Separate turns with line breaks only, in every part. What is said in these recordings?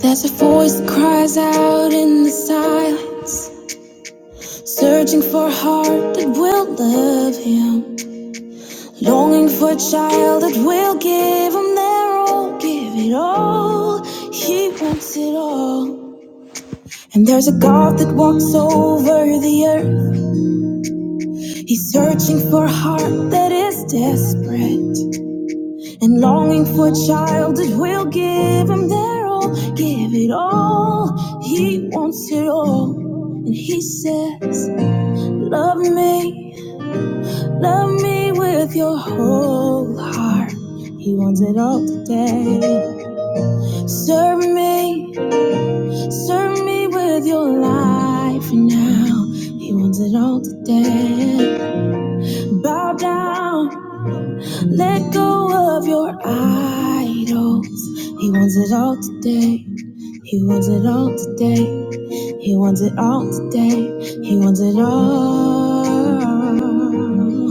There's a voice that cries out in the silence, searching for a heart that will love him, longing for a child that will give him their all, give it all. He wants it all. And there's a God that walks over the earth. He's searching for a heart that is desperate and longing for a child that will give him their all, give it all. He wants it all. And he says, Love me, love me with your whole heart. He wants it all today. Serve me, serve me with your life now. He wants it all today. Bow down, let go of your idols. He wants it all today. He wants it all today. He wants it all today. He wants it all.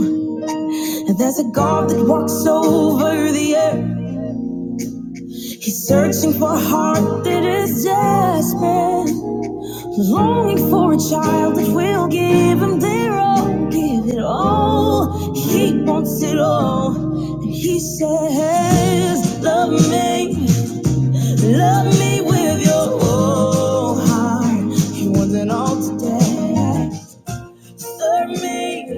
There's a God that walks over the earth. He's searching for a heart that is desperate, longing for a child that will give him their all, give it all. He wants it all. And he says, Love me, love me with your whole heart. He wants it all today. Serve me,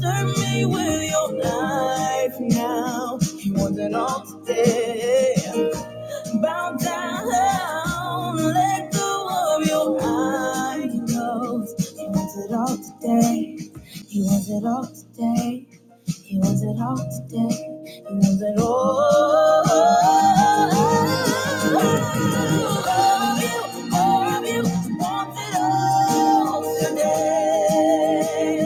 Serve me with your life now. He wants it all today. Bow down, let go of your idols. He wants it all today. He wants it all today. He wants it all today. He wants it all. All of you, all of you, wants it all today.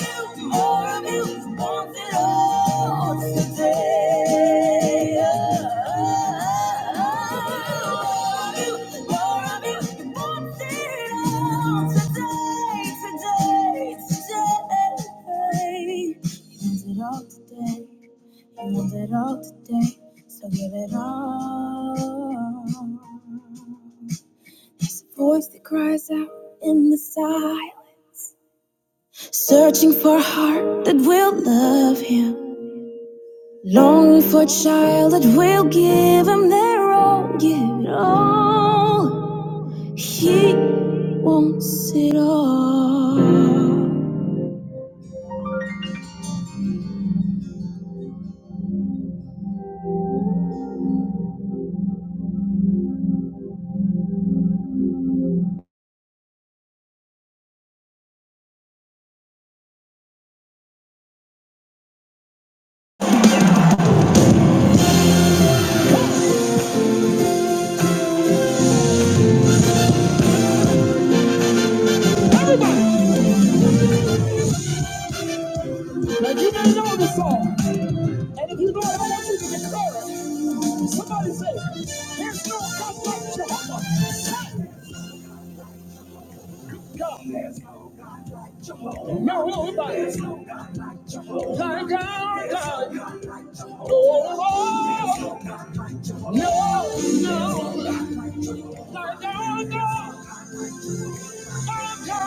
oh, Tomorrow builds wants it all today. Tomorrow builds wants it all today, today, today. He wants it all today. He wants it all today. So give it all. There's a voice that cries out in the silence. Searching for a heart that will love him. Longing for a child that will give him their all. Give it all. He wants it all. If you need to declare somebody say, There's no God like Jehovah. Say, God has Jehovah. No, nobody. Like our God. Oh, oh, oh. no, no. Like our God. Somebody!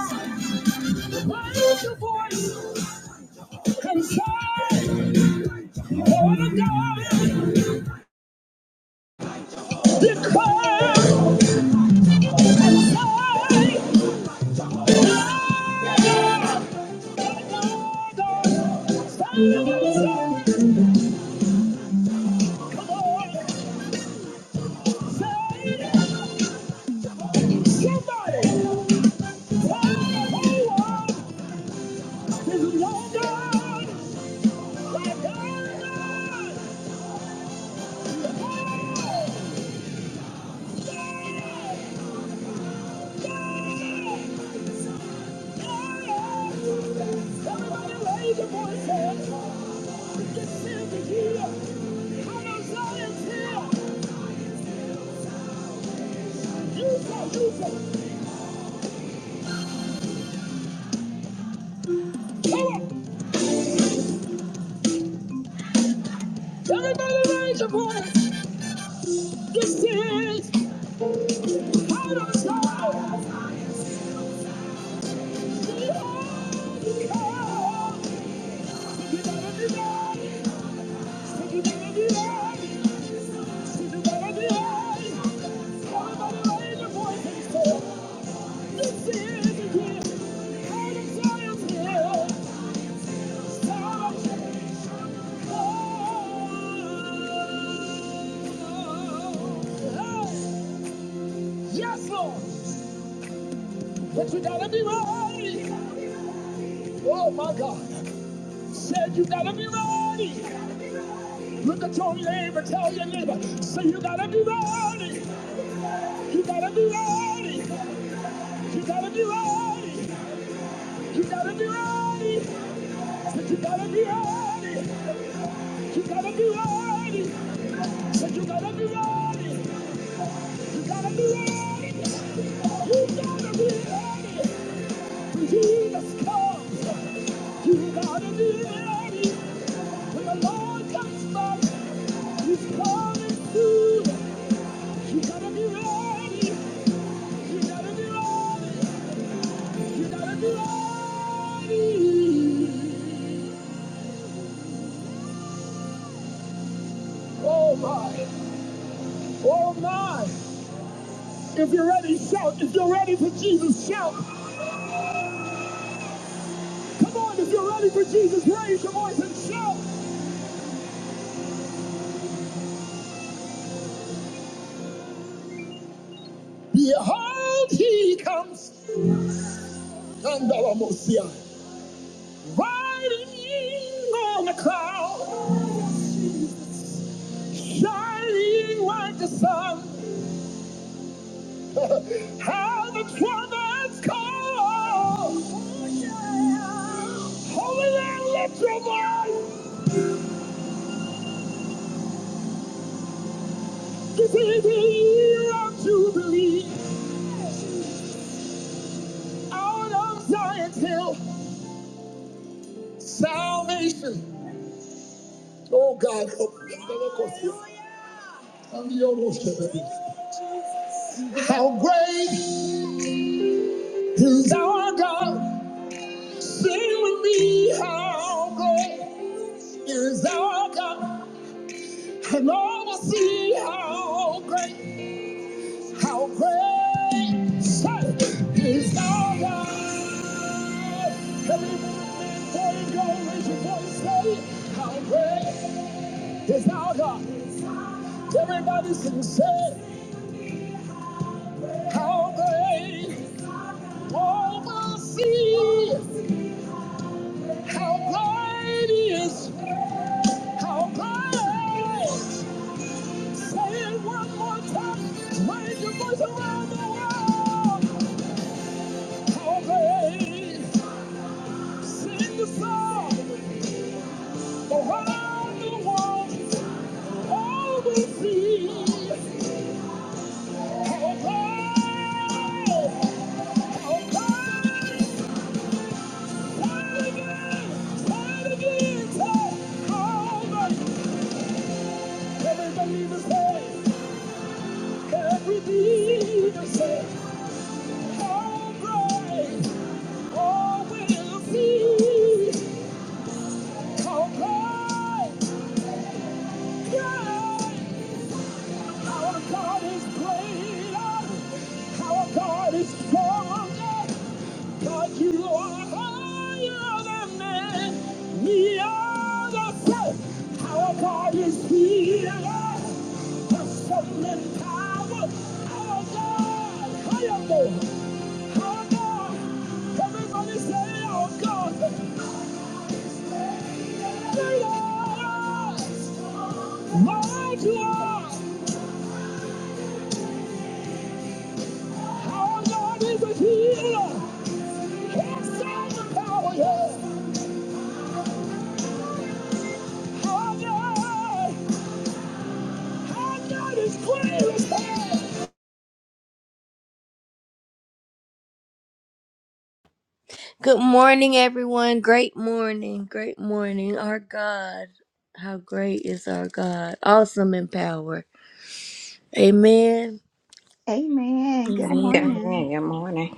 Everybody raise your voice. This is out of Yes, Lord. But you gotta be ready. Oh my God. Said you gotta be ready. Look at your neighbor, tell your neighbor. Say you gotta be ready. You gotta be ready. You gotta be ready. You gotta be ready. But you gotta be ready. You gotta be ready. But you gotta be ready. You gotta be ready. You gotta be ready. When Jesus comes, you gotta be ready. When the Lord comes back, He's coming soon. You gotta be ready. You gotta be ready. You gotta be ready. Oh my. Oh my. If you're ready, shout. If you're ready for Jesus, shout. Come on, if you're ready for Jesus, raise your voice and shout. Behold, he comes. Kandalamosia. Riding on a cloud. Shining like the sun. How the trumpets call. Holy Land, lift your voice. This is the year of Jubilee. Out of Zion's hill, salvation. Oh God, help me. Hallelujah. Hallelujah. How great is our God? Sing with me. How great is our God? And all will see how great, how great say, is our God. Everybody, before go, raise your voice, say, How great is our God? Everybody sing, say. How great all the sea, how great is, how great. Say it one more time, raise your voice around the world. How great, sing the song around the world, all will see. How great, how great. God is stronger, God you are higher than man. We are the faith. Our God is healer. Good morning, everyone. Great morning. Great morning. Our God. How great is our God? Awesome in power. Amen.
Amen. Good
Amen.
Amen.
Good
morning.
morning.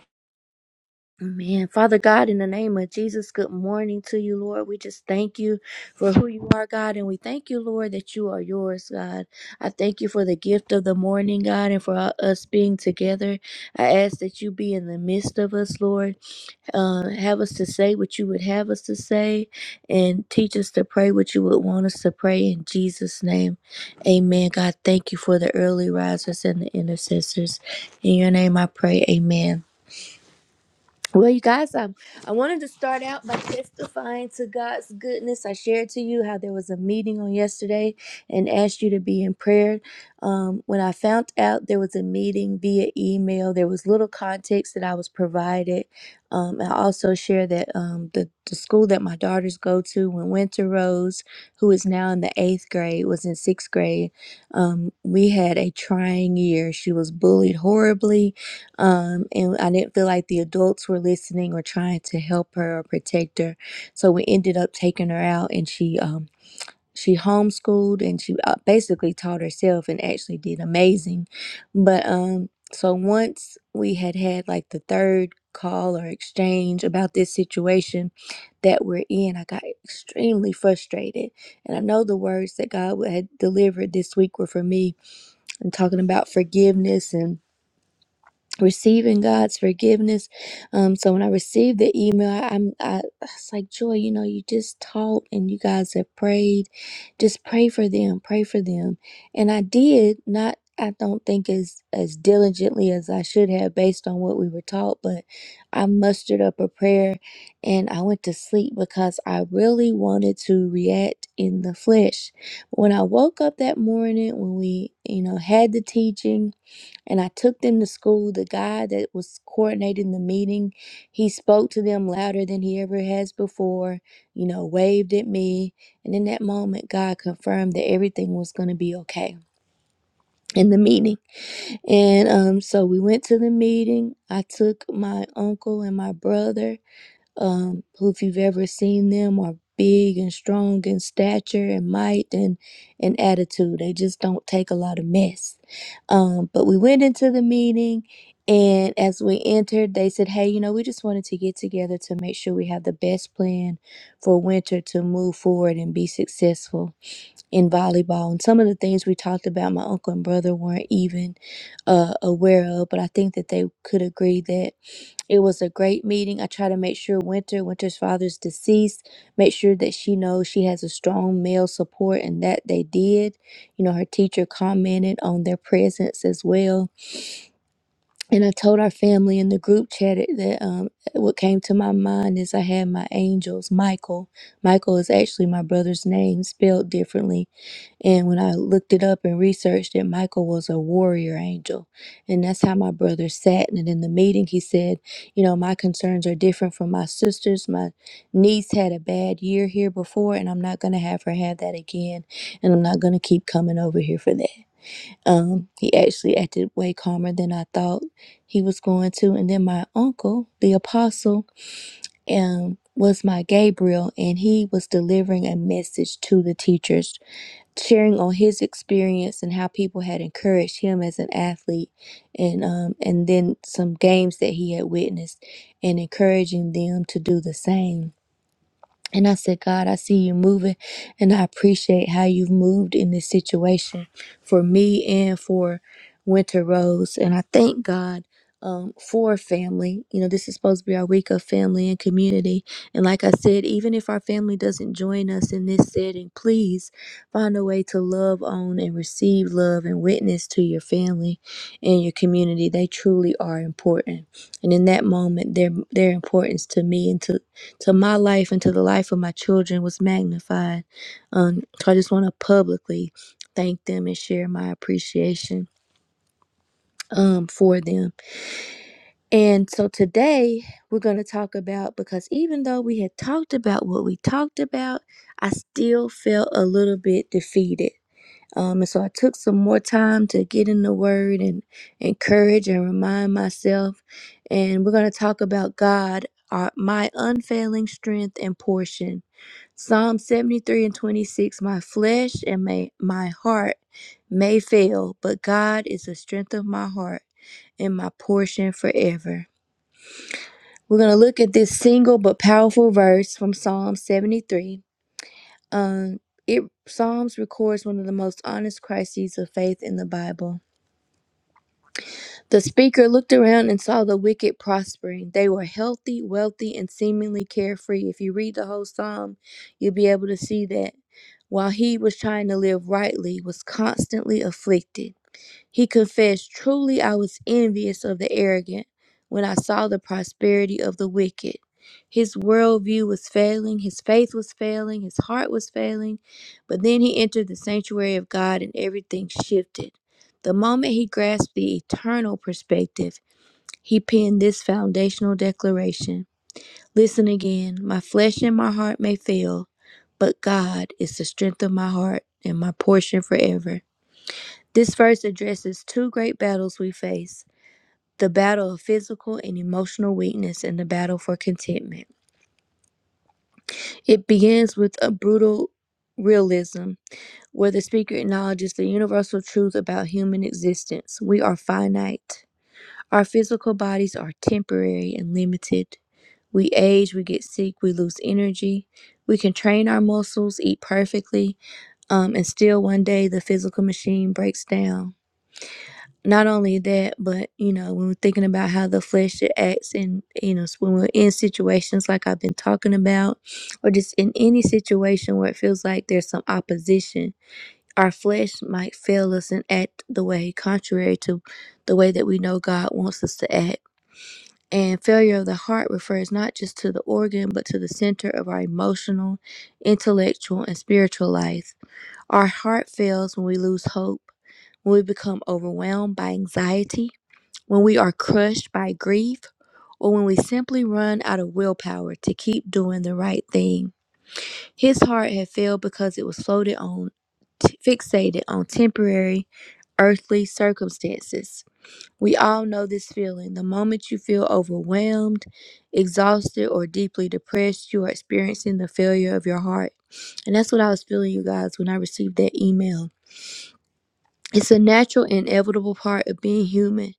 Amen. Father God, in the name of Jesus, good morning to you, Lord. We just thank you for who you are, God, and we thank you, Lord, that you are yours, God. I thank you for the gift of the morning, God, and for us being together. I ask that you be in the midst of us, Lord. uh, have us to say what you would have us to say and teach us to pray what you would want us to pray in Jesus' name. Amen. God, thank you for the early risers and the intercessors. In your name I pray, amen. Well, you guys, I, I wanted to start out by testifying to God's goodness. I shared to you how there was a meeting on yesterday and asked you to be in prayer. Um, when I found out there was a meeting via email, there was little context that I was provided. Um, I also shared that um, the, the school that my daughters go to, when Winter Rose, who is now in the eighth grade, was in sixth grade, um, we had a trying year. She was bullied horribly um, and I didn't feel like the adults were listening or trying to help her or protect her. So we ended up taking her out, and she um, she homeschooled and she uh, basically taught herself and actually did amazing. But um, so once we had had like the third call or exchange about this situation that we're in, I got extremely frustrated, and I know the words that God had delivered this week were for me and talking about forgiveness and receiving God's forgiveness. Um, so when I received the email, I, I'm I, I was like joy. You know, you just taught and you guys have prayed. Just pray for them. Pray for them. And I did not. I don't think as as diligently as I should have based on what we were taught, but I mustered up a prayer and I went to sleep because I really wanted to react in the flesh. When I woke up that morning when we, you know, had the teaching and I took them to school. The guy that was coordinating the meeting, he spoke to them louder than he ever has before, you know, waved at me. And in that moment, God confirmed that everything was going to be okay in the meeting. And um, so we went to the meeting. I took my uncle and my brother, um, who, if you've ever seen them, are big and strong in stature and might and, and attitude. They just don't take a lot of mess. Um, but we went into the meeting, and as we entered, they said, Hey, you know, we just wanted to get together to make sure we have the best plan for winter to move forward and be successful in volleyball and some of the things we talked about my uncle and brother weren't even uh, aware of but i think that they could agree that it was a great meeting i try to make sure winter winter's father's deceased make sure that she knows she has a strong male support and that they did you know her teacher commented on their presence as well and i told our family in the group chat it- that um, what came to my mind is i had my angels michael michael is actually my brother's name spelled differently and when I looked it up and researched it, Michael was a warrior angel. And that's how my brother sat. And in the meeting, he said, You know, my concerns are different from my sister's. My niece had a bad year here before, and I'm not going to have her have that again. And I'm not going to keep coming over here for that. Um, he actually acted way calmer than I thought he was going to. And then my uncle, the apostle, um, was my Gabriel, and he was delivering a message to the teachers sharing on his experience and how people had encouraged him as an athlete and um and then some games that he had witnessed and encouraging them to do the same and I said, God, I see you moving, and I appreciate how you've moved in this situation for me and for Winter Rose. And I thank God um, for family. You know, this is supposed to be our week of family and community. And like I said, even if our family doesn't join us in this setting, please find a way to love on and receive love and witness to your family and your community. They truly are important. And in that moment, their their importance to me and to to my life and to the life of my children was magnified. Um, so I just want to publicly thank them and share my appreciation um, for them. And so today we're going to talk about because even though we had talked about what we talked about, I still felt a little bit defeated. Um, and so I took some more time to get in the word and encourage and remind myself. And we're going to talk about God, our, my unfailing strength and portion Psalm 73 and 26 My flesh and may, my heart may fail, but God is the strength of my heart and my portion forever. We're going to look at this single but powerful verse from Psalm 73. Um, it Psalms records one of the most honest crises of faith in the Bible. The speaker looked around and saw the wicked prospering. They were healthy, wealthy, and seemingly carefree. If you read the whole psalm, you'll be able to see that. While he was trying to live rightly, was constantly afflicted. He confessed, Truly I was envious of the arrogant when I saw the prosperity of the wicked. His worldview was failing, his faith was failing, his heart was failing. But then he entered the sanctuary of God and everything shifted. The moment he grasped the eternal perspective, he penned this foundational declaration Listen again, my flesh and my heart may fail, but God is the strength of my heart and my portion forever. This verse addresses two great battles we face the battle of physical and emotional weakness and the battle for contentment. It begins with a brutal realism where the speaker acknowledges the universal truth about human existence. We are finite, our physical bodies are temporary and limited. We age, we get sick, we lose energy. We can train our muscles, eat perfectly, um, and still one day the physical machine breaks down. not only that, but you know, when we're thinking about how the flesh it acts, and you know, when we're in situations like I've been talking about, or just in any situation where it feels like there's some opposition, our flesh might fail us and act the way contrary to the way that we know God wants us to act. And failure of the heart refers not just to the organ, but to the center of our emotional, intellectual, and spiritual life. Our heart fails when we lose hope, when we become overwhelmed by anxiety when we are crushed by grief, or when we simply run out of willpower to keep doing the right thing. His heart had failed because it was floated on, t- fixated on temporary earthly circumstances. We all know this feeling. The moment you feel overwhelmed, exhausted, or deeply depressed, you are experiencing the failure of your heart. And that's what I was feeling, you guys, when I received that email. It's a natural, inevitable part of being human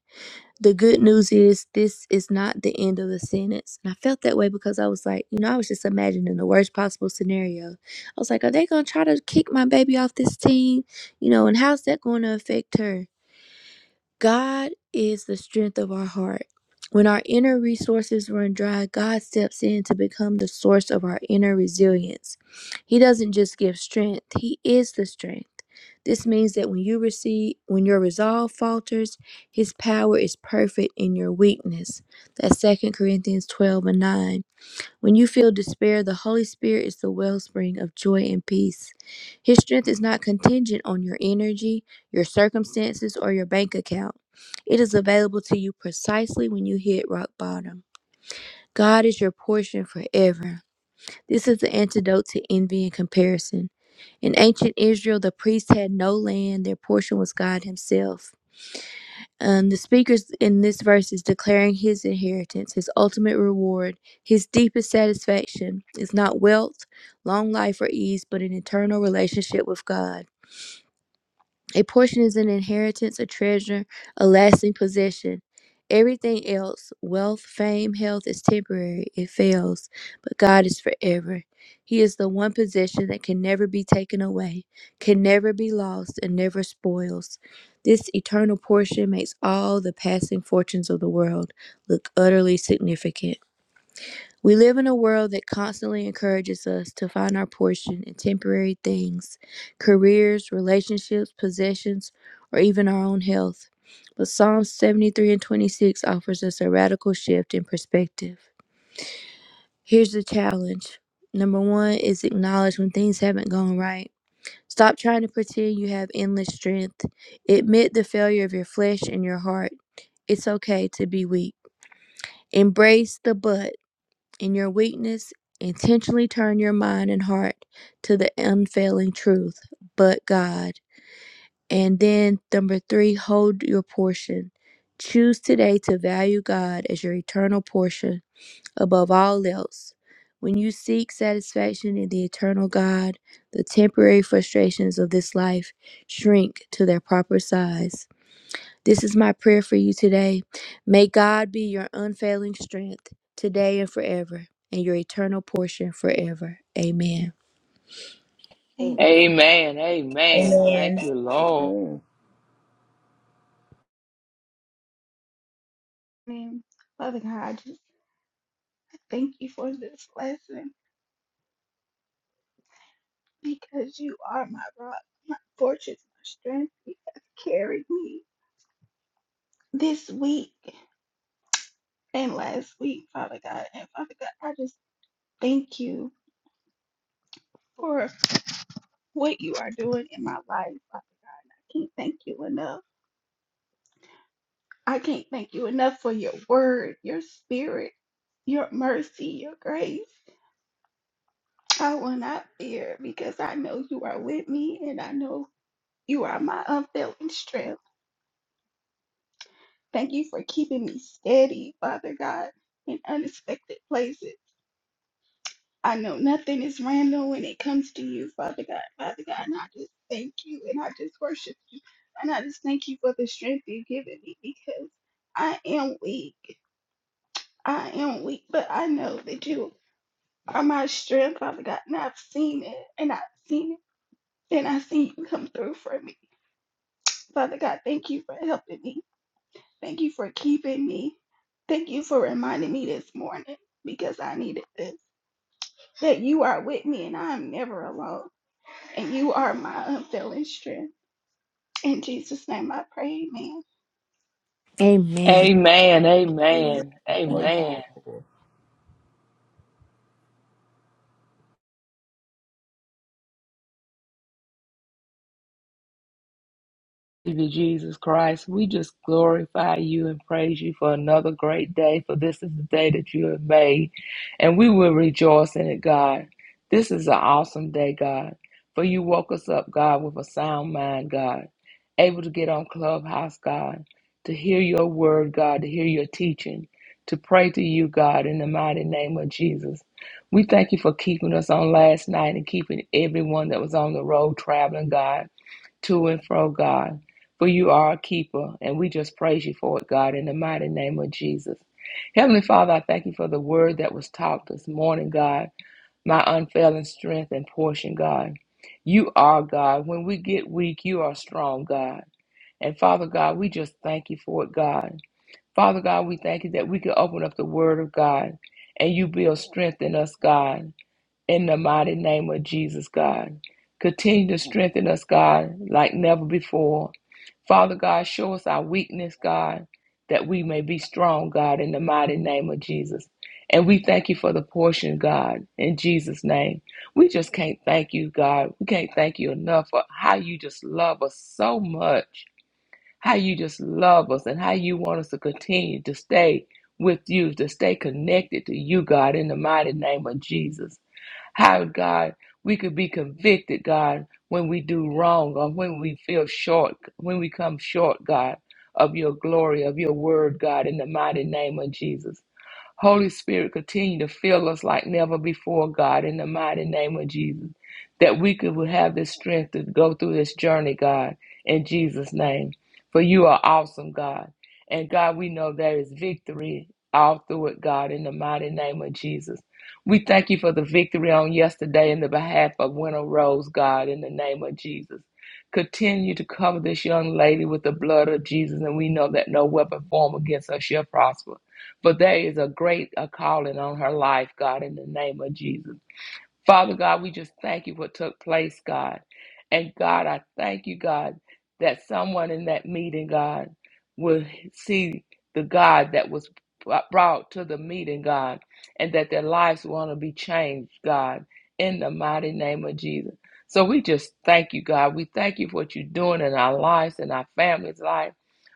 the good news is this is not the end of the sentence. And I felt that way because I was like, you know, I was just imagining the worst possible scenario. I was like, are they going to try to kick my baby off this team? You know, and how's that going to affect her? God is the strength of our heart. When our inner resources run dry, God steps in to become the source of our inner resilience. He doesn't just give strength, He is the strength. This means that when you receive, when your resolve falters, His power is perfect in your weakness. That's Second Corinthians 12 and 9. When you feel despair, the Holy Spirit is the wellspring of joy and peace. His strength is not contingent on your energy, your circumstances, or your bank account. It is available to you precisely when you hit rock bottom. God is your portion forever. This is the antidote to envy and comparison. In ancient Israel, the priests had no land, their portion was God Himself. And the speakers in this verse is declaring his inheritance, his ultimate reward, his deepest satisfaction is not wealth, long life, or ease, but an eternal relationship with God. A portion is an inheritance, a treasure, a lasting possession. Everything else, wealth, fame, health, is temporary. It fails, but God is forever. He is the one possession that can never be taken away, can never be lost, and never spoils. This eternal portion makes all the passing fortunes of the world look utterly significant. We live in a world that constantly encourages us to find our portion in temporary things, careers, relationships, possessions, or even our own health. But Psalms 73 and 26 offers us a radical shift in perspective. Here's the challenge. Number one is acknowledge when things haven't gone right. Stop trying to pretend you have endless strength. Admit the failure of your flesh and your heart. It's okay to be weak. Embrace the but. In your weakness, intentionally turn your mind and heart to the unfailing truth, but God. And then, number three, hold your portion. Choose today to value God as your eternal portion above all else. When you seek satisfaction in the eternal God, the temporary frustrations of this life shrink to their proper size. This is my prayer for you today. May God be your unfailing strength today and forever, and your eternal portion forever. Amen.
Amen.
Amen.
Amen. Amen.
Amen.
Thank you, Lord.
Amen.
Amen. Father God, just thank you for this lesson because you are my rock, my fortress, my strength. You have carried me this week and last week, Father God. And Father God, I just thank you for what you are doing in my life. Father God. I can't thank you enough. I can't thank you enough for your word, your spirit, your mercy, your grace. I will not fear because I know you are with me and I know you are my unfailing strength. Thank you for keeping me steady, Father God, in unexpected places. I know nothing is random when it comes to you, Father God. Father God, and I just thank you and I just worship you. And I just thank you for the strength you've given me because I am weak. I am weak, but I know that you are my strength, Father God. And I've seen it and I've seen it and I've seen you come through for me. Father God, thank you for helping me. Thank you for keeping me. Thank you for reminding me this morning because I needed this. That you are with me and I am never alone. And you are my unfailing strength. In Jesus' name I pray, amen.
Amen.
Amen.
Amen.
Amen.
Praise
Amen.
the Lord.
Savior Jesus Christ, we just glorify you and praise you for another great day, for this is the day that you have made, and we will rejoice in it, God. This is an awesome day, God, for you woke us up, God, with a sound mind, God, able to get on Clubhouse, God, to hear your word, God, to hear your teaching, to pray to you, God, in the mighty name of Jesus. We thank you for keeping us on last night and keeping everyone that was on the road traveling, God to and fro, God. For you are a keeper, and we just praise you for it, God, in the mighty name of Jesus. Heavenly Father, I thank you for the word that was taught this morning, God, my unfailing strength and portion, God. You are God. When we get weak, you are strong, God. And Father God, we just thank you for it, God. Father God, we thank you that we can open up the word of God and you build strength in us, God in the mighty name of Jesus, God. Continue to strengthen us, God, like never before. Father God, show us our weakness, God, that we may be strong, God, in the mighty name of Jesus. And we thank you for the portion, God, in Jesus' name. We just can't thank you, God. We can't thank you enough for how you just love us so much, how you just love us, and how you want us to continue to stay with you, to stay connected to you, God, in the mighty name of Jesus. How, God, we could be convicted, God, when we do wrong or when we feel short, when we come short, God, of your glory, of your word, God, in the mighty name of Jesus. Holy Spirit, continue to fill us like never before, God, in the mighty name of Jesus, that we could have the strength to go through this journey, God, in Jesus' name. For you are awesome, God. And God, we know there is victory all through it, God, in the mighty name of Jesus. We thank you for the victory on yesterday in the behalf of Winter Rose, God, in the name of Jesus. Continue to cover this young lady with the blood of Jesus, and we know that no weapon formed against her shall prosper. But there is a great a calling on her life, God, in the name of Jesus. Father God, we just thank you for what took place, God. And God, I thank you, God, that someone in that meeting, God, will see the God that was brought to the meeting, God, and that their lives want to be changed, God, in the mighty name of Jesus. So we just thank you, God. We thank you for what you're doing in our lives and our families' life.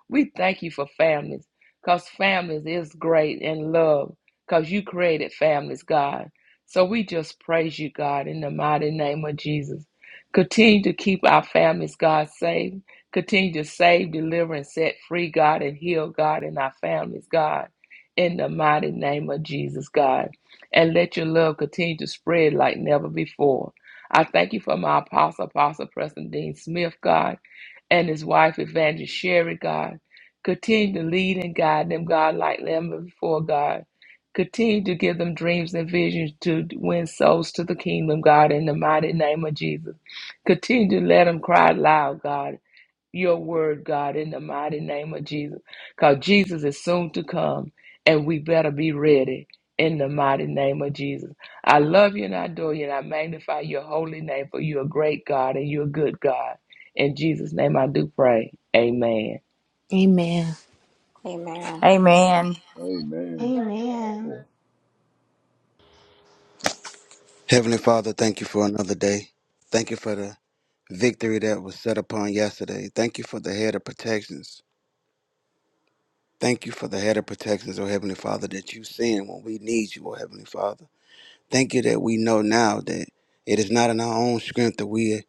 We thank you for families, because families is great and love, because you created families, God. So we just praise you, God, in the mighty name of Jesus. Continue to keep our families, God, safe. Continue to save, deliver, and set free, God, and heal, God, in our families, God, in the mighty name of Jesus, God. And let your love continue to spread like never before. I thank you for my apostle, Apostle Preston Dean Smith, God, and his wife, Evangelist Sherry, God. Continue to lead and guide them, God, like never before, God. Continue to give them dreams and visions to win souls to the kingdom, God, in the mighty name of Jesus. Continue to let them cry loud, God, your word, God, in the mighty name of Jesus. Because Jesus is soon to come, and we better be ready in the mighty name of Jesus. I love you and I adore you, and I magnify your holy name, for you're a great God and you're a good God. In Jesus' name I do pray. Amen.
Amen.
Amen.
Amen.
Amen.
Amen.
Lord.
Heavenly Father, thank you for another day. Thank you for the victory that was set upon yesterday. Thank you for the head of protections. Thank you for the head of protections, oh Heavenly Father, that you send when we need you, oh Heavenly Father. Thank you that we know now that it is not in our own strength that we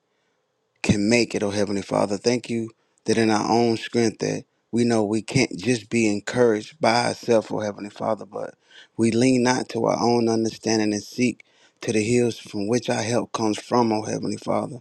can make it, oh Heavenly Father. Thank you that in our own strength that we know we can't just be encouraged by ourselves, oh Heavenly Father, but we lean not to our own understanding and seek to the hills from which our help comes from, oh Heavenly Father.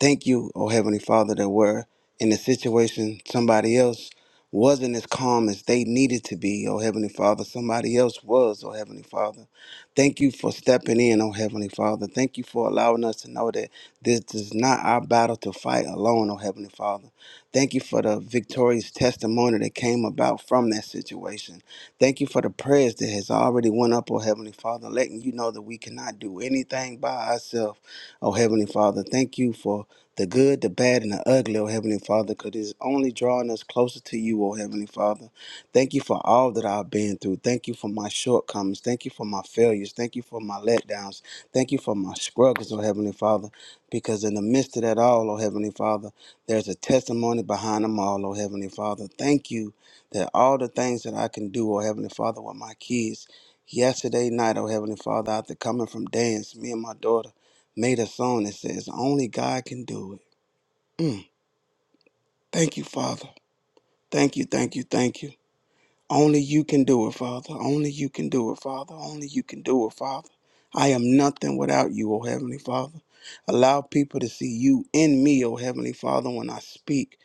Thank you, oh Heavenly Father, that we're in a situation somebody else wasn't as calm as they needed to be, oh Heavenly Father. Somebody else was, oh Heavenly Father. Thank you for stepping in, oh Heavenly Father. Thank you for allowing us to know that this is not our battle to fight alone, oh Heavenly Father. Thank you for the victorious testimony that came about from that situation. Thank you for the prayers that has already went up, oh Heavenly Father, letting you know that we cannot do anything by ourselves, oh Heavenly Father. Thank you for the good, the bad, and the ugly, oh Heavenly Father, because it's only drawing us closer to you, oh Heavenly Father. Thank you for all that I've been through. Thank you for my shortcomings. Thank you for my failures. Thank you for my letdowns. Thank you for my struggles, oh Heavenly Father. Because in the midst of that all, oh Heavenly Father, there's a testimony behind them all, oh Heavenly Father. Thank you that all the things that I can do, oh Heavenly Father, with my kids. Yesterday night, oh Heavenly Father, after coming from dance, me and my daughter made a song that says, Only God can do it. Mm. Thank you, Father. Thank you, thank you, thank you. Only you can do it, Father. Only you can do it, Father. Only you can do it, Father. I am nothing without you, O Heavenly Father. Allow people to see you in me, O Heavenly Father, when I speak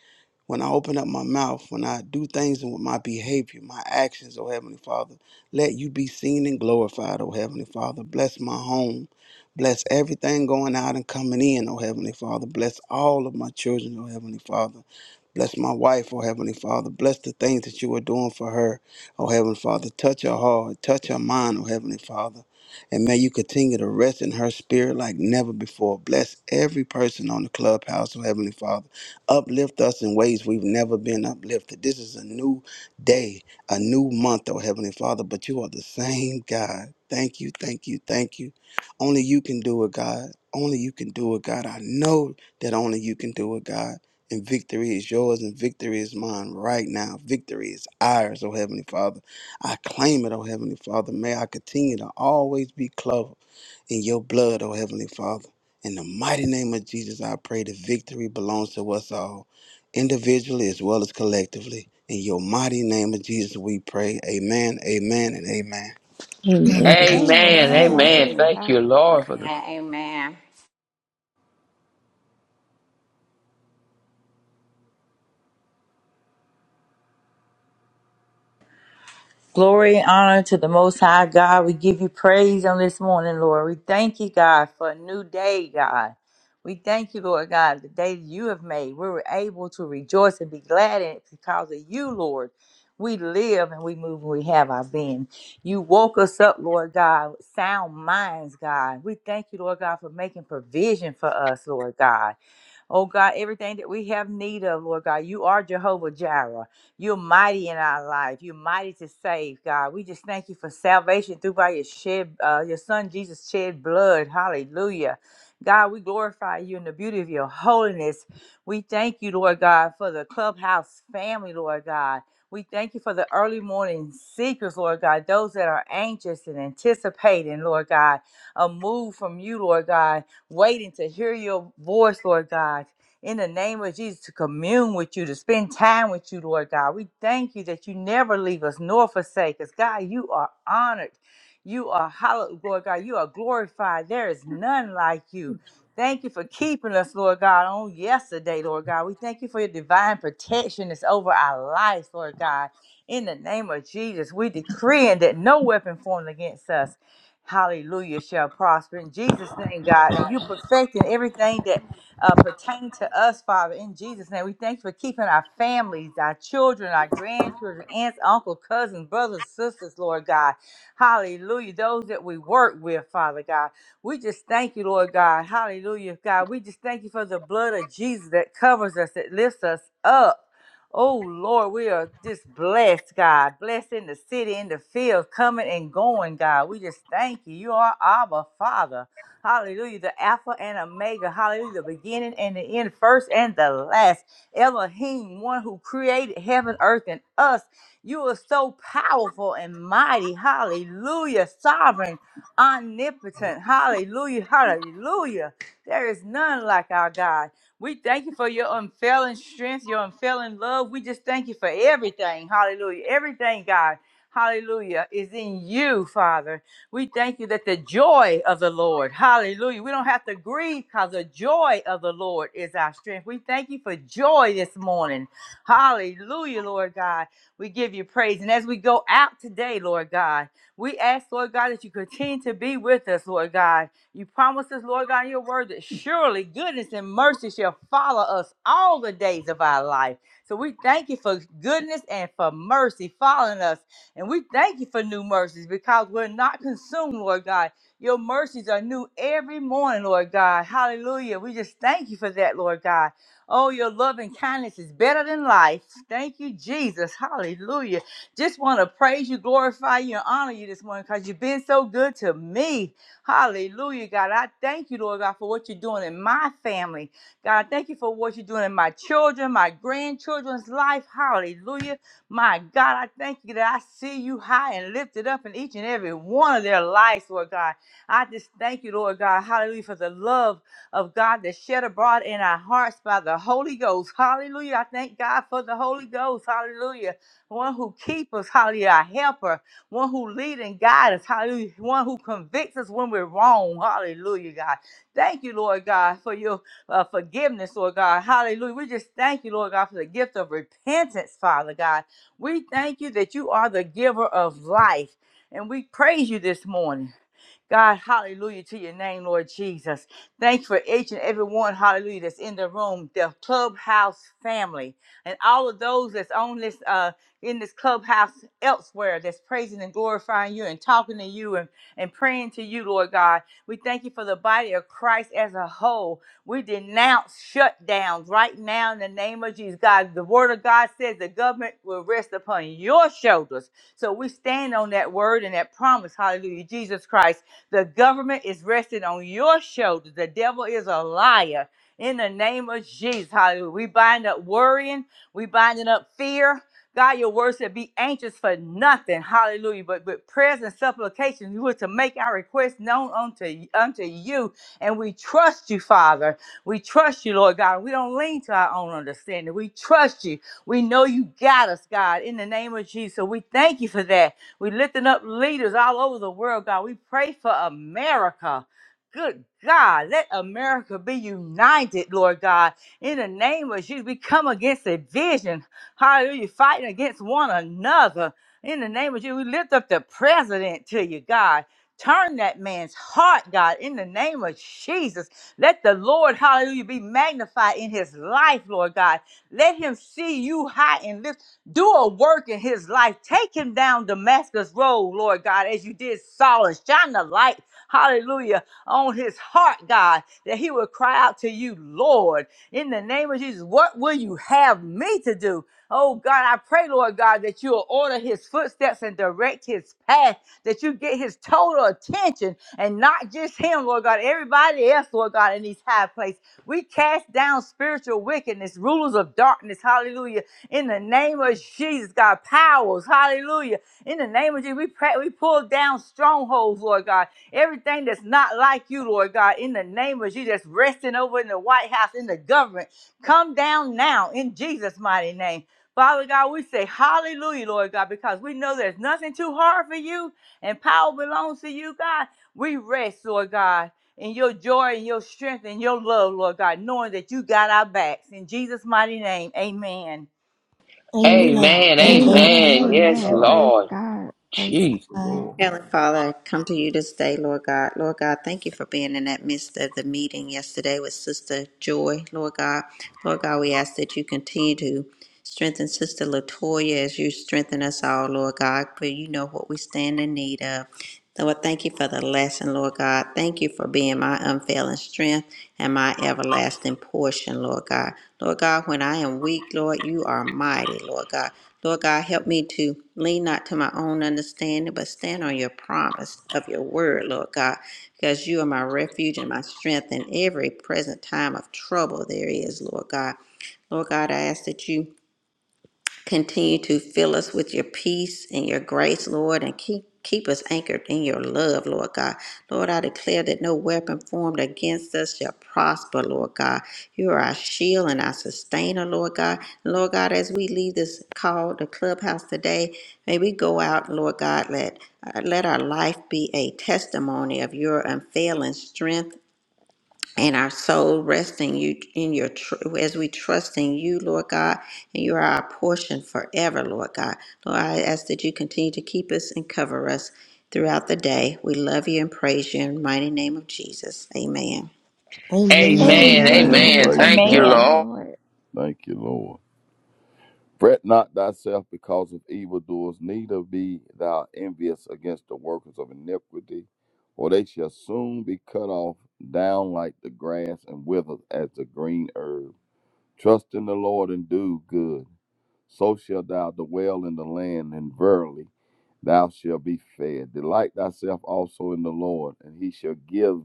when I open up my mouth, when I do things with my behavior, my actions, oh Heavenly Father, let you be seen and glorified, oh Heavenly Father. Bless my home. Bless everything going out and coming in, oh Heavenly Father. Bless all of my children, oh Heavenly Father. Bless my wife, oh Heavenly Father. Bless the things that you are doing for her, oh Heavenly Father. Touch her heart, touch her mind, oh Heavenly Father. And may you continue to rest in her spirit like never before. Bless every person on the clubhouse, oh Heavenly Father uplift us in ways we've never been uplifted. This is a new day, a new month, oh Heavenly Father, but you are the same God. Thank you, thank you, thank you. Only you can do it, God. Only you can do it, God. I know that only you can do it, God. And victory is yours and victory is mine right now. Victory is ours, oh Heavenly Father. I claim it, oh Heavenly Father. May I continue to always be clothed in your blood, oh Heavenly Father. In the mighty name of Jesus, I pray the victory belongs to us all, individually as well as collectively. In your mighty name of Jesus, we pray. Amen, amen, and amen.
Amen.
Amen.
Amen.
Amen.
Amen.
Praise
Amen.
Thank you,
God.
Lord, for the
Amen. Amen.
Glory and honor to the Most High God. We give you praise on this morning, Lord. We thank you, God, for a new day, God. We thank you, Lord God, the day that you have made. We were able to rejoice and be glad in it because of you, Lord. We live and we move and we have our being. You woke us up, Lord God, with sound minds, God. We thank you, Lord God, for making provision for us, Lord God. Oh God, everything that we have need of, Lord God, you are Jehovah Jireh. You're mighty in our life. You're mighty to save, God. We just thank you for salvation through by your shed, uh, your Son Jesus shed blood. Hallelujah. God, we glorify you in the beauty of your holiness. We thank you, Lord God, for the clubhouse family, Lord God. We thank you for the early morning seekers, Lord God, those that are anxious and anticipating, Lord God, a move from you, Lord God waiting to hear your voice, Lord God. In the name of Jesus, to commune with you, to spend time with you, Lord God. We thank you that you never leave us nor forsake us. God, you are honored. You are hallowed, Lord God. You are glorified. There is none like you. Thank you for keeping us, Lord God, on yesterday, Lord God. We thank you for your divine protection that's over our lives, Lord God. In the name of Jesus, we decree that no weapon formed against us Hallelujah shall prosper in Jesus' name, God. And you perfecting everything that uh, pertain to us, Father, in Jesus' name. We thank you for keeping our families, our children, our grandchildren, aunts, uncles, cousins, brothers, sisters, Lord God. Hallelujah. Those that we work with, Father God. We just thank you, Lord God. Hallelujah, God. We just thank you for the blood of Jesus that covers us, that lifts us up. Oh Lord, we are just blessed, God. Blessed in the city, in the field, coming and going, God. We just thank you. You are our Father. Hallelujah. The Alpha and Omega. Hallelujah. The beginning and the end, first and the last. Elohim, one who created heaven, earth, and us. You are so powerful and mighty. Hallelujah. Sovereign, omnipotent. Hallelujah. Hallelujah. There is none like our God. We thank you for your unfailing strength, your unfailing love. We just thank you for everything. Hallelujah. Everything, God. Hallelujah is in you, Father. We thank you that the joy of the Lord, hallelujah. We don't have to grieve because the joy of the Lord is our strength. We thank you for joy this morning. Hallelujah, Lord God. We give you praise. And as we go out today, Lord God, we ask, Lord God, that you continue to be with us, Lord God. You promised us, Lord God, in your word that surely goodness and mercy shall follow us all the days of our life. So we thank you for goodness and for mercy following us. And we thank you for new mercies because we're not consumed, Lord God. Your mercies are new every morning, Lord God. Hallelujah. We just thank you for that, Lord God. Oh, your love and kindness is better than life. Thank you, Jesus. Hallelujah. Just want to praise you, glorify you, and honor you this morning because you've been so good to me. Hallelujah, God. I thank you, Lord God, for what you're doing in my family. God, I thank you for what you're doing in my children, my grandchildren's life. Hallelujah. My God, I thank you that I see you high and lifted up in each and every one of their lives, Lord God. I just thank you, Lord God. Hallelujah, for the love of God that's shed abroad in our hearts by the Holy Ghost. Hallelujah. I thank God for the Holy Ghost. Hallelujah. One who keeps us. Hallelujah. Our helper one who leads and guides us, hallelujah, one who convicts us when we're wrong, hallelujah, God. Thank you, Lord God, for your uh, forgiveness, Lord God, hallelujah. We just thank you, Lord God, for the gift of repentance, Father God. We thank you that you are the giver of life, and we praise you this morning. God, hallelujah to your name, Lord Jesus. Thank you for each and every one, hallelujah, that's in the room, the clubhouse family, and all of those that's on this uh in this clubhouse elsewhere that's praising and glorifying you and talking to you and, and praying to you, Lord God. We thank you for the body of Christ as a whole. We denounce shutdowns right now in the name of Jesus. God, the word of God says the government will rest upon your shoulders. So we stand on that word and that promise, hallelujah, Jesus Christ. The government is resting on your shoulders. The devil is a liar. In the name of Jesus, hallelujah. We bind up worrying, we binding up fear. God, your word said, be anxious for nothing. Hallelujah. But with prayers and supplications, we were to make our requests known unto, unto you. And we trust you, Father. We trust you, Lord God. We don't lean to our own understanding. We trust you. We know you got us, God, in the name of Jesus. So we thank you for that. We lifting up leaders all over the world, God. We pray for America. Good God, let America be united, Lord God. In the name of Jesus, we come against a vision. Hallelujah. Fighting against one another. In the name of Jesus, we lift up the president to you, God. Turn that man's heart, God, in the name of Jesus. Let the Lord, hallelujah, be magnified in his life, Lord God. Let him see you high and lifted do a work in his life. Take him down Damascus Road, Lord God, as you did Saul. and Shine the light, hallelujah, on his heart, God, that he would cry out to you, Lord, in the name of Jesus. What will you have me to do? Oh God, I pray, Lord God, that you will order his footsteps and direct his path, that you get his total attention and not just him, Lord God, everybody else, Lord God, in these high places. We cast down spiritual wickedness, rulers of darkness, hallelujah in the name of Jesus, God, powers. Hallelujah. In the name of Jesus, we pray, we pull down strongholds, Lord God. Everything that's not like you, Lord God, in the name of Jesus, that's resting over in the White House, in the government, come down now in Jesus' mighty name. Father God, we say hallelujah, Lord God, because we know there's nothing too hard for you and power belongs to you, God. We rest, Lord God, in your joy and your strength and your love, Lord God, knowing that you got our backs. In Jesus' mighty name, amen.
Amen.
Amen.
Amen.
Amen.
Amen.
Amen.
Praise
Yes,
Amen.
God.
Praise
Lord.
God.
Praise
Jeez.
The
God.
Lord.
Heavenly Father, I come to you this day, Lord God. Lord God, thank you for being in that midst of the meeting yesterday with Sister Joy, Lord God. Lord God, we ask that you continue to strengthen Sister Latoya as you strengthen us all, Lord God, for you know what we stand in need of. Lord, thank you for the lesson, Lord God. Thank you for being my unfailing strength and my everlasting portion, Lord God. Lord God, when I am weak, Lord, you are mighty, Lord God. Lord God, help me to lean not to my own understanding, but stand on your promise of your word, Lord God, because you are my refuge and my strength in every present time of trouble there is, Lord God. Lord God, I ask that you Continue to fill us with your peace and your grace, Lord, and keep keep us anchored in your love, Lord God. Lord, I declare that no weapon formed against us shall prosper, Lord God. You are our shield and our sustainer, Lord God. And Lord God, as we leave this call, the clubhouse today, may we go out, Lord God, let uh, let our life be a testimony of your unfailing strength and our soul resting you in your tr- as we trust in you, Lord God, and you are our portion forever, Lord God. Lord, I ask that you continue to keep us and cover us throughout the day. We love you and praise you in the mighty name of Jesus. Amen.
Amen.
Amen.
Amen.
Amen.
Amen.
Praise
Amen.
Thank you,
Thank you,
Amen.
God.
Lord.
Lord.
Thank you, Lord. Fret not thyself because of evildoers, neither be thou envious against the workers of iniquity, for they shall soon be cut off down like the grass and wither as the green herb. Trust in the Lord and do good. So shalt thou dwell in the land, and verily thou shalt be fed. Delight thyself also in the Lord, and he shall give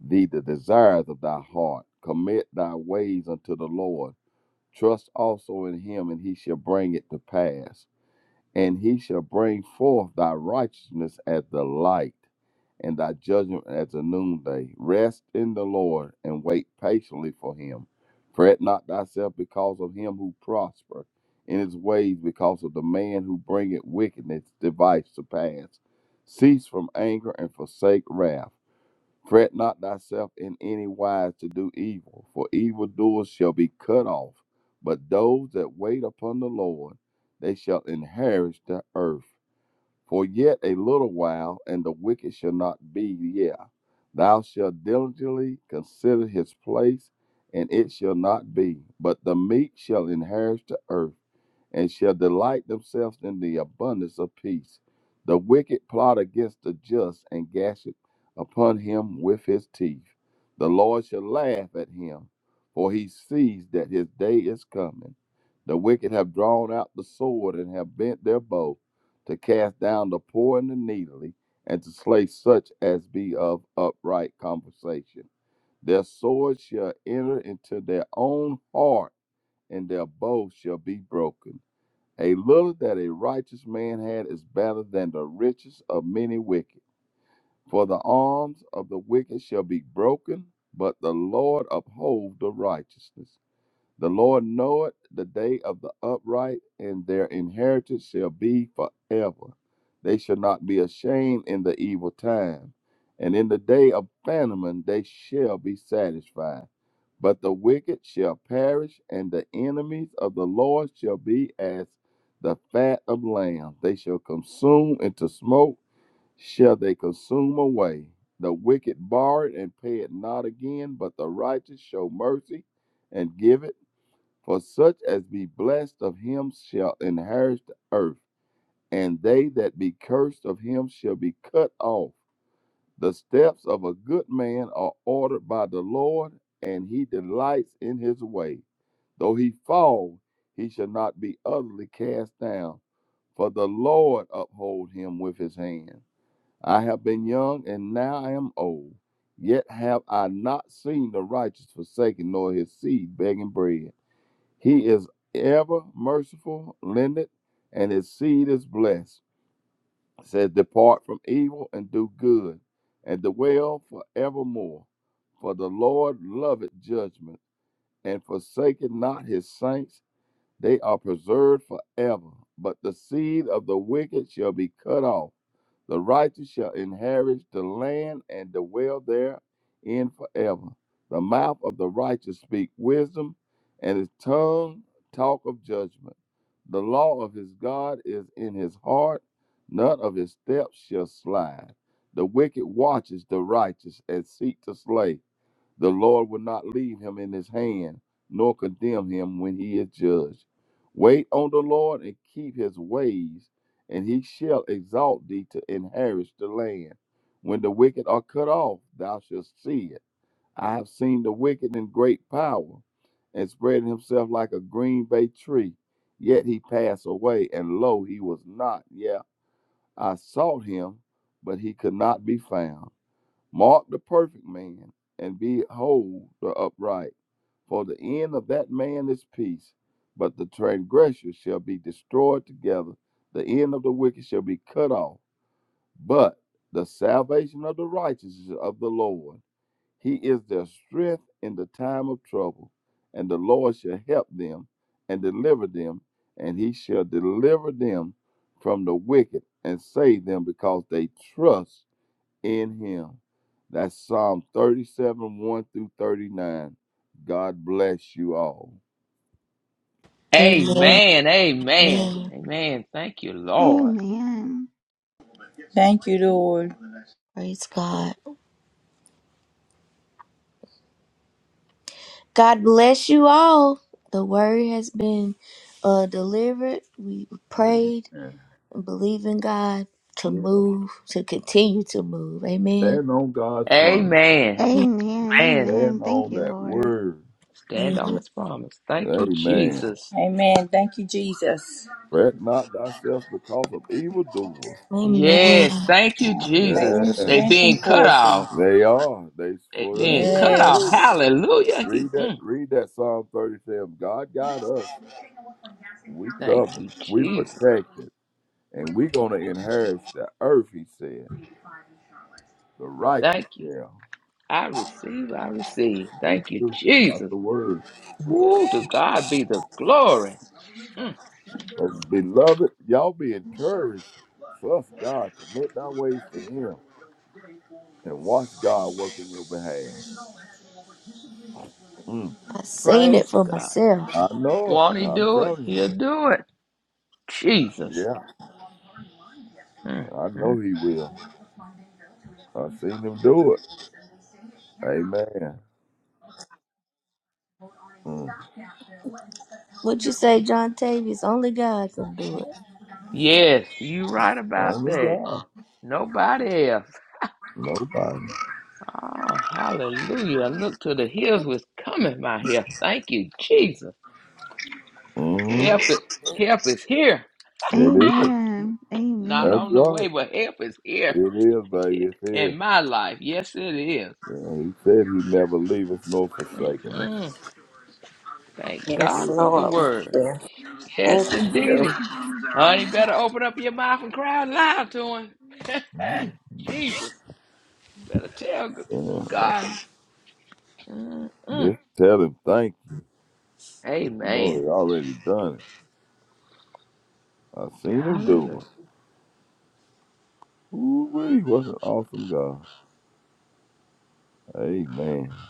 thee the desires of thy heart. Commit thy ways unto the Lord. Trust also in him, and he shall bring it to pass. And he shall bring forth thy righteousness as the light and thy judgment as the noonday. Rest in the Lord and wait patiently for him. Fret not thyself because of him who prosper in his ways, because of the man who bringeth wickedness device to pass. Cease from anger and forsake wrath. Fret not thyself in any wise to do evil, for evildoers shall be cut off. But those that wait upon the Lord, they shall inherit the earth. For yet a little while, and the wicked shall not be there. Thou shalt diligently consider his place, and it shall not be, but the meek shall inherit the earth and shall delight themselves in the abundance of peace. The wicked plot against the just and gasheth upon him with his teeth. The Lord shall laugh at him, for he sees that his day is coming. The wicked have drawn out the sword and have bent their bow to cast down the poor and the needly, and to slay such as be of upright conversation. Their sword shall enter into their own heart, and their bow shall be broken. A little that a righteous man had is better than the riches of many wicked. For the arms of the wicked shall be broken, but the Lord uphold the righteousness. The Lord knoweth the day of the upright, and their inheritance shall be forever. They shall not be ashamed in the evil time, and in the day of famine they shall be satisfied. But the wicked shall perish, and the enemies of the Lord shall be as the fat of lambs. They shall consume into smoke, shall they consume away. The wicked borrow and pay it not again, but the righteous show mercy and give it. For such as be blessed of him shall inherit the earth, and they that be cursed of him shall be cut off. The steps of a good man are ordered by the Lord, and he delights in his way. Though he fall, he shall not be utterly cast down, for the Lord uphold him with his hand. I have been young, and now I am old. Yet have I not seen the righteous forsaken, nor his seed begging bread. He is ever merciful, lendeth, and his seed is blessed. It says, Depart from evil and do good, and dwell forevermore. For the Lord loveth judgment, and forsaketh not his saints. They are preserved forever, but the seed of the wicked shall be cut off. The righteous shall inherit the land and dwell therein forever. The mouth of the righteous speak wisdom, and his tongue talk of judgment. The law of his God is in his heart, none of his steps shall slide. The wicked watches the righteous and seek to slay. The Lord will not leave him in his hand, nor condemn him when he is judged. Wait on the Lord and keep his ways, and he shall exalt thee to inherit the land. When the wicked are cut off, thou shalt see it. I have seen the wicked in great power, and spreading himself like a green bay tree. Yet he passed away, and lo, he was not. Yeah, I sought him, but he could not be found. Mark the perfect man, and behold the upright, for the end of that man is peace. But the transgressor shall be destroyed together, the end of the wicked shall be cut off. But the salvation of the righteous is of the Lord. He is their strength in the time of trouble, and the Lord shall help them and deliver them, and he shall deliver them from the wicked and save them because they trust in him. That's Psalm 37, 1 through 39. God bless you all.
Amen.
Amen. Amen.
Amen.
Amen. Thank you, Lord.
Amen.
Thank you, Lord.
Praise God. God bless you all. The word has been uh, delivered. We prayed
Amen.
and believe in God to
Yeah.
move, to continue to move. Amen.
Stand on God's promise.
Amen.
Amen.
Man,
Stand
Amen. Thank
on
you,
that
Lord.
word.
stand on
Yeah.
his promise. Thank you,
Amen.
Jesus.
Amen. Thank you, Jesus.
Fret not thyself because of evildoers.
Yes,
Amen.
thank you,
Favor,
Jesus.
and
Yeah.
They
strength, and
being cut
portion.
off.
They are. They
They
for that's
being
it. It
cut off.
word.
Yes.
Hallelujah.
Read
He-
that
mm.
read that Psalm 37. God got us. We
thank
covered.
you,
We
Jesus.
protected. And we're gonna inherit the earth, he said. The righteous
Thank you.
shall.
I receive. I receive.
Thank
Thank you,
you. That's
Jesus.
the word.
Ooh, to God be the glory. Mm.
So, beloved, y'all be encouraged. Trust God. Commit thy ways to Him and watch God work in your behalf. Mm.
I seen it
Praise
for
God.
myself.
I know
Won't
it.
he
I'm
do it?
telling you.
He'll do it. Jesus.
Yeah,
Mm,
I
mm.
know He will. I've seen Him do it. Amen. Mm.
What you say, John Tavius? Only God can do it.
Yes, you are right about
Only
that.
God.
Nobody else.
Nobody.
Oh, hallelujah. Look to the hills which cometh my help. Thank you, Jesus.
Mm.
Help it. Help is here.
It is.
Amen.
Not
Amen.
That's
on the
right.
way, but help is here
It is, baby. It's here.
in my life. Yes, it is.
Yeah, he said he'd never leave us nor forsake us.
Mm-mm. Thank
Yes,
God
Yeah.
for the
Lord.
word.
we do.
Yes,
Thank
indeed.
you.
Honey, better open up your mouth and cry out loud to him. Jesus. Better tell God. Mm-mm.
Just tell him thank you. But you know
Amen.
he already done it. I seen him do
Hallelujah.
it. Ooh wee, what an awesome God. Amen.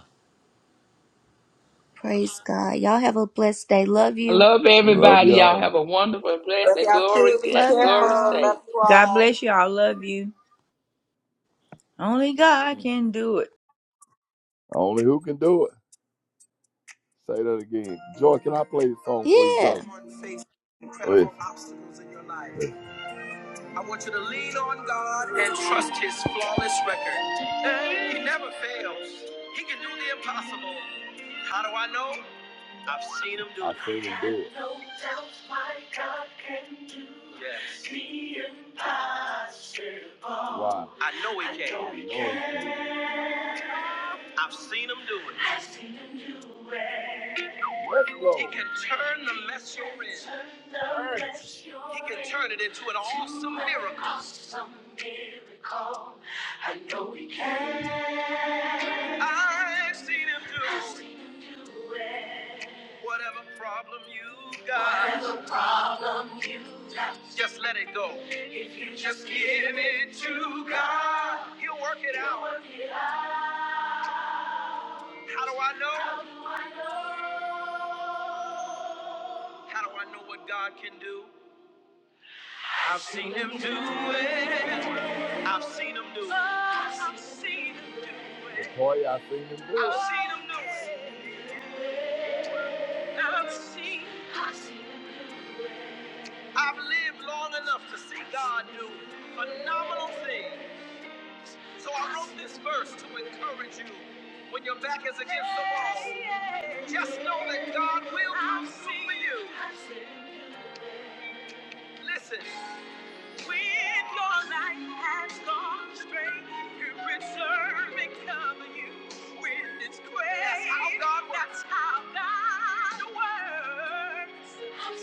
Praise God. Y'all have a blessed day. Love
I
you.
love
Love
everybody. Y'all
y'all.
have a wonderful, blessed,
Love
and
y'all
glory,
too. Be
Love
glorious
careful.
y'all.
day.
Love you
God
all.
bless you. I love you. Only God can do it.
Only who can do it. Say that again. Joy, can I play the song before you go?
Yeah.
Incredible Please. obstacles in your life. Yes. I want you to lean on God and trust His flawless record. He never fails. He can do the impossible. How do I know? I've seen him do it. I've seen him do it. No doubt my God can do yes. the impossible. Wow. I know he can. I know he can. I've seen him do it. I've seen him do it. Yes, He can turn the mess you're in. He can turn it into an awesome miracle. Awesome miracle. I know he can. I've seen him do it. Whatever problem you got, whatever problem you just let it go. If you just give it to God, He'll work it out. How do I know? How do I know what God can do? I've seen Him do it. I've seen Him do it. I've seen Him do it. Latoya, I've seen Him do it. I've seen Him do it. I've seen. I've lived long enough to see God do phenomenal things. So I wrote this verse to encourage you when your back is against the wall. Just know that God will come through for you. Listen. When your life has gone astray, you preserve and cover you with His grace. That's how God works. That's how God works. I've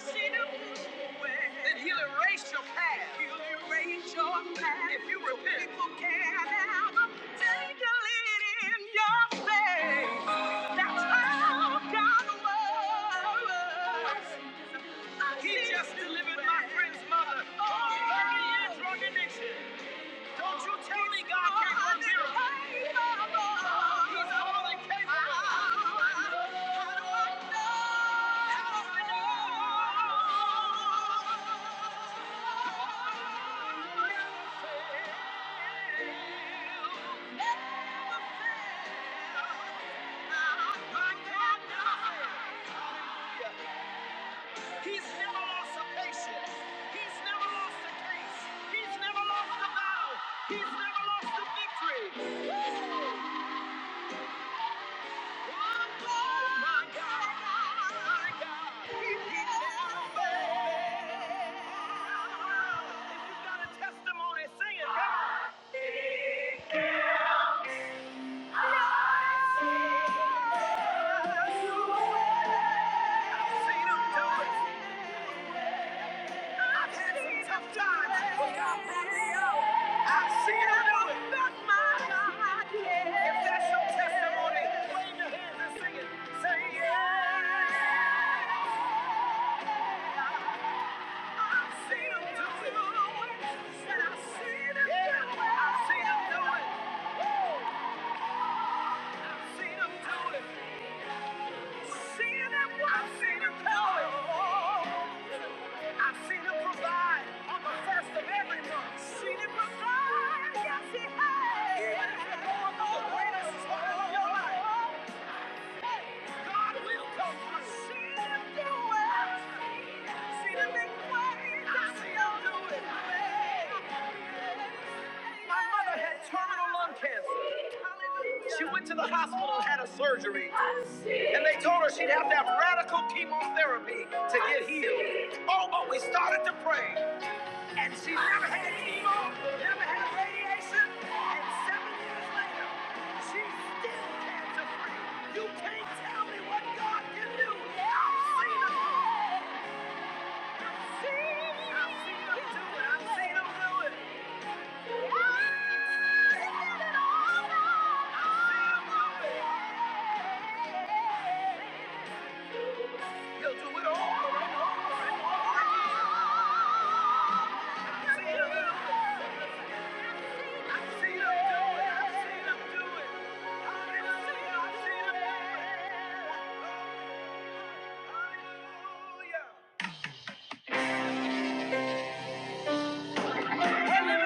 seen Him do it. Then He'll erase your past. He'll erase your past. If you repent, people can have a take a lead in your faith. That's how God works. He just delivered my friend's mother from a 30 year drug addiction. Don't you tell me God can't do miracles. He's more than capable. How do I know? How do I know? Never fail. My God never fails. Hallelujah. He's never lost a patient. He's never lost a case. He's never lost a battle. He's never lost a victory. Oh, my God. My God. He, he never fails. If you've got a testimony, sing it. Come on. I've seen him do it. I've had some tough times, but God brought me out. I've seen Him do it. That's my God. If that's your testimony, wave your hands and sing it. Say yeah. I've seen Him do it. And I've seen Him do it. I've seen Him do it. Woo. I've seen Him do it. I've Seen Him. do it. I've seen Him do it. I've seen him provide on the first of every month. Seen him provide, yes he has. One of the greatest part of your life. God will come through. I've seen him do it. I've Seen him make ways. I've seen him do it. My mother had terminal lung cancer. She went to the hospital and had a surgery. And they told her she'd have to have radical chemotherapy to get healed. Oh, but we started to pray. We're living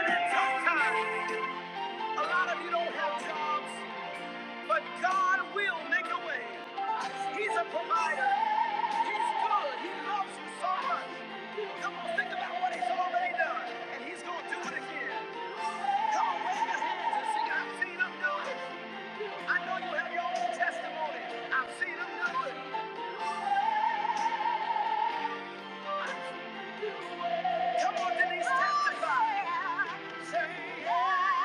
in tough times. A lot of you don't have jobs. But God will make a way. He's a provider. He's good. He loves you so much. Come on, think about what He's already done, and He's going to do it again. Come on, raise your hands and sing. I've seen Him do it. I know you have your own testimony. I've seen Him do it. Come on, Denise, testify. Say, yeah. Oh, I'm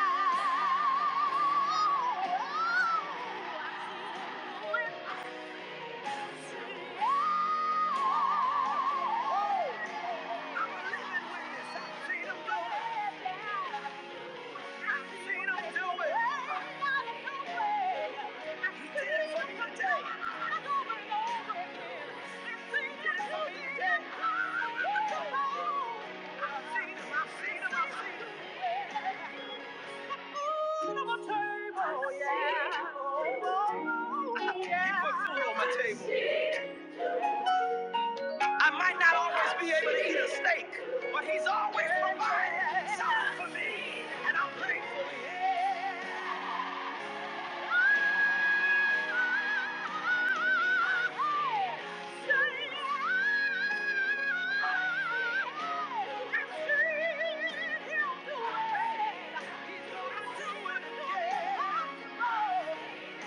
living witness. I've seen him do it. Oh, yeah. Oh, yeah. I keep a fool on my table. I might not always be able to eat a steak, but he's always provided something for me, and I'm grateful.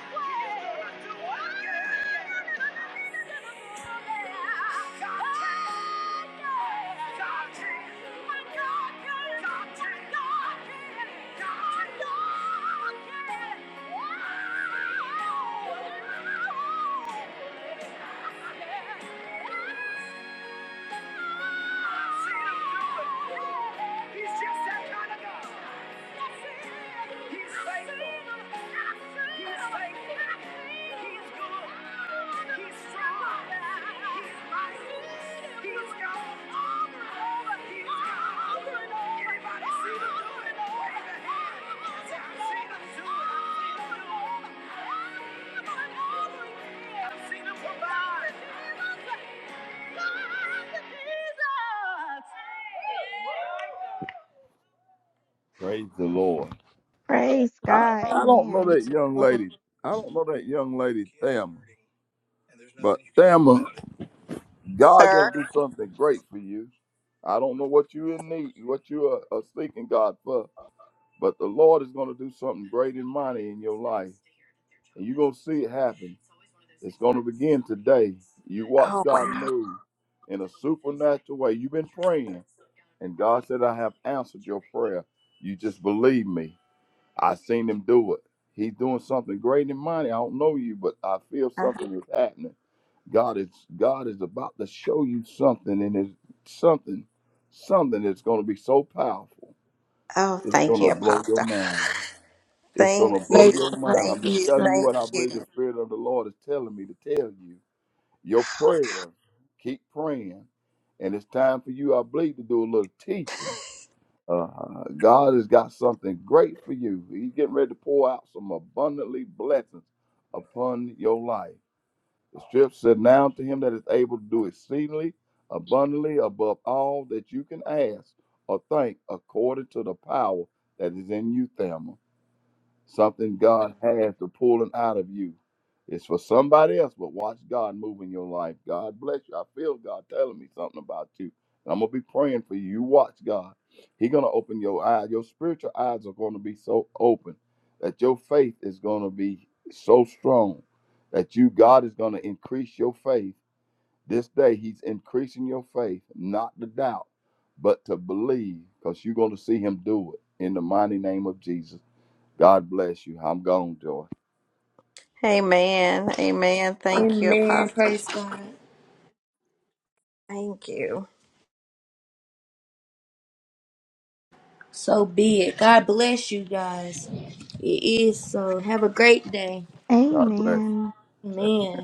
to do it. again. Yeah. I see him do it. He's just that kind of God. He's faithful. He's faithful. He's good. He's strong. He's mighty. He's God. Praise the Lord.
Praise
I,
God.
I don't know
Amen.
that
Praise the
young
Lord.
lady. I don't know that young lady, Thamma. But Thamma, God
Sir.
gonna do something great for you. I don't know what you in need, what you are, are seeking God for, But the Lord is going to do something great and mighty in your life. And you're going to see it happen. It's going to begin today. You watch God move in a supernatural way. You've been praying, and God said, I have answered your prayer. You just believe me. I seen him do it. He's doing something great and mighty. I don't know you, but I feel something is happening. God is God is about to show you something, and it's something, something that's going to be so powerful.
Oh,
It's going
thank you,
to blow your
Apostle.
mind. It's
Thank
gonna blow
Praise
you.
your mind.
God.
Thank
I'm just
you.
Praise
telling
God.
you what
Thank
I
you.
believe the Spirit of the Lord is telling me to tell you. Your prayer, keep praying, and it's time for you, I believe, to do a little teaching. Uh, God has got something great for you. He's getting ready to pour out some abundantly blessings upon your life. The scripture said, "Now to him that is able to do exceedingly abundantly above all that you can ask or think, according to the power that is in you, Thamma." Something God has to pull pulling out of you. It's for somebody else, but watch God move in your life. God bless you. I feel God telling me something about you. I'm gonna be praying for you. You watch God. He gonna open your eyes. Your spiritual eyes are gonna be so open that your faith is gonna be so strong that you God is gonna increase your faith. This day He's increasing your faith, not to doubt, but to believe, because you're gonna see Him do it in the mighty name of Jesus. God bless you. I'm gone, Joy.
Amen. Amen. Thank you,
Amen.
Apostle.
Praise God.
Thank you.
So be it. God bless you guys. It is so. Have a great day.
God bless.
Amen.
Amen.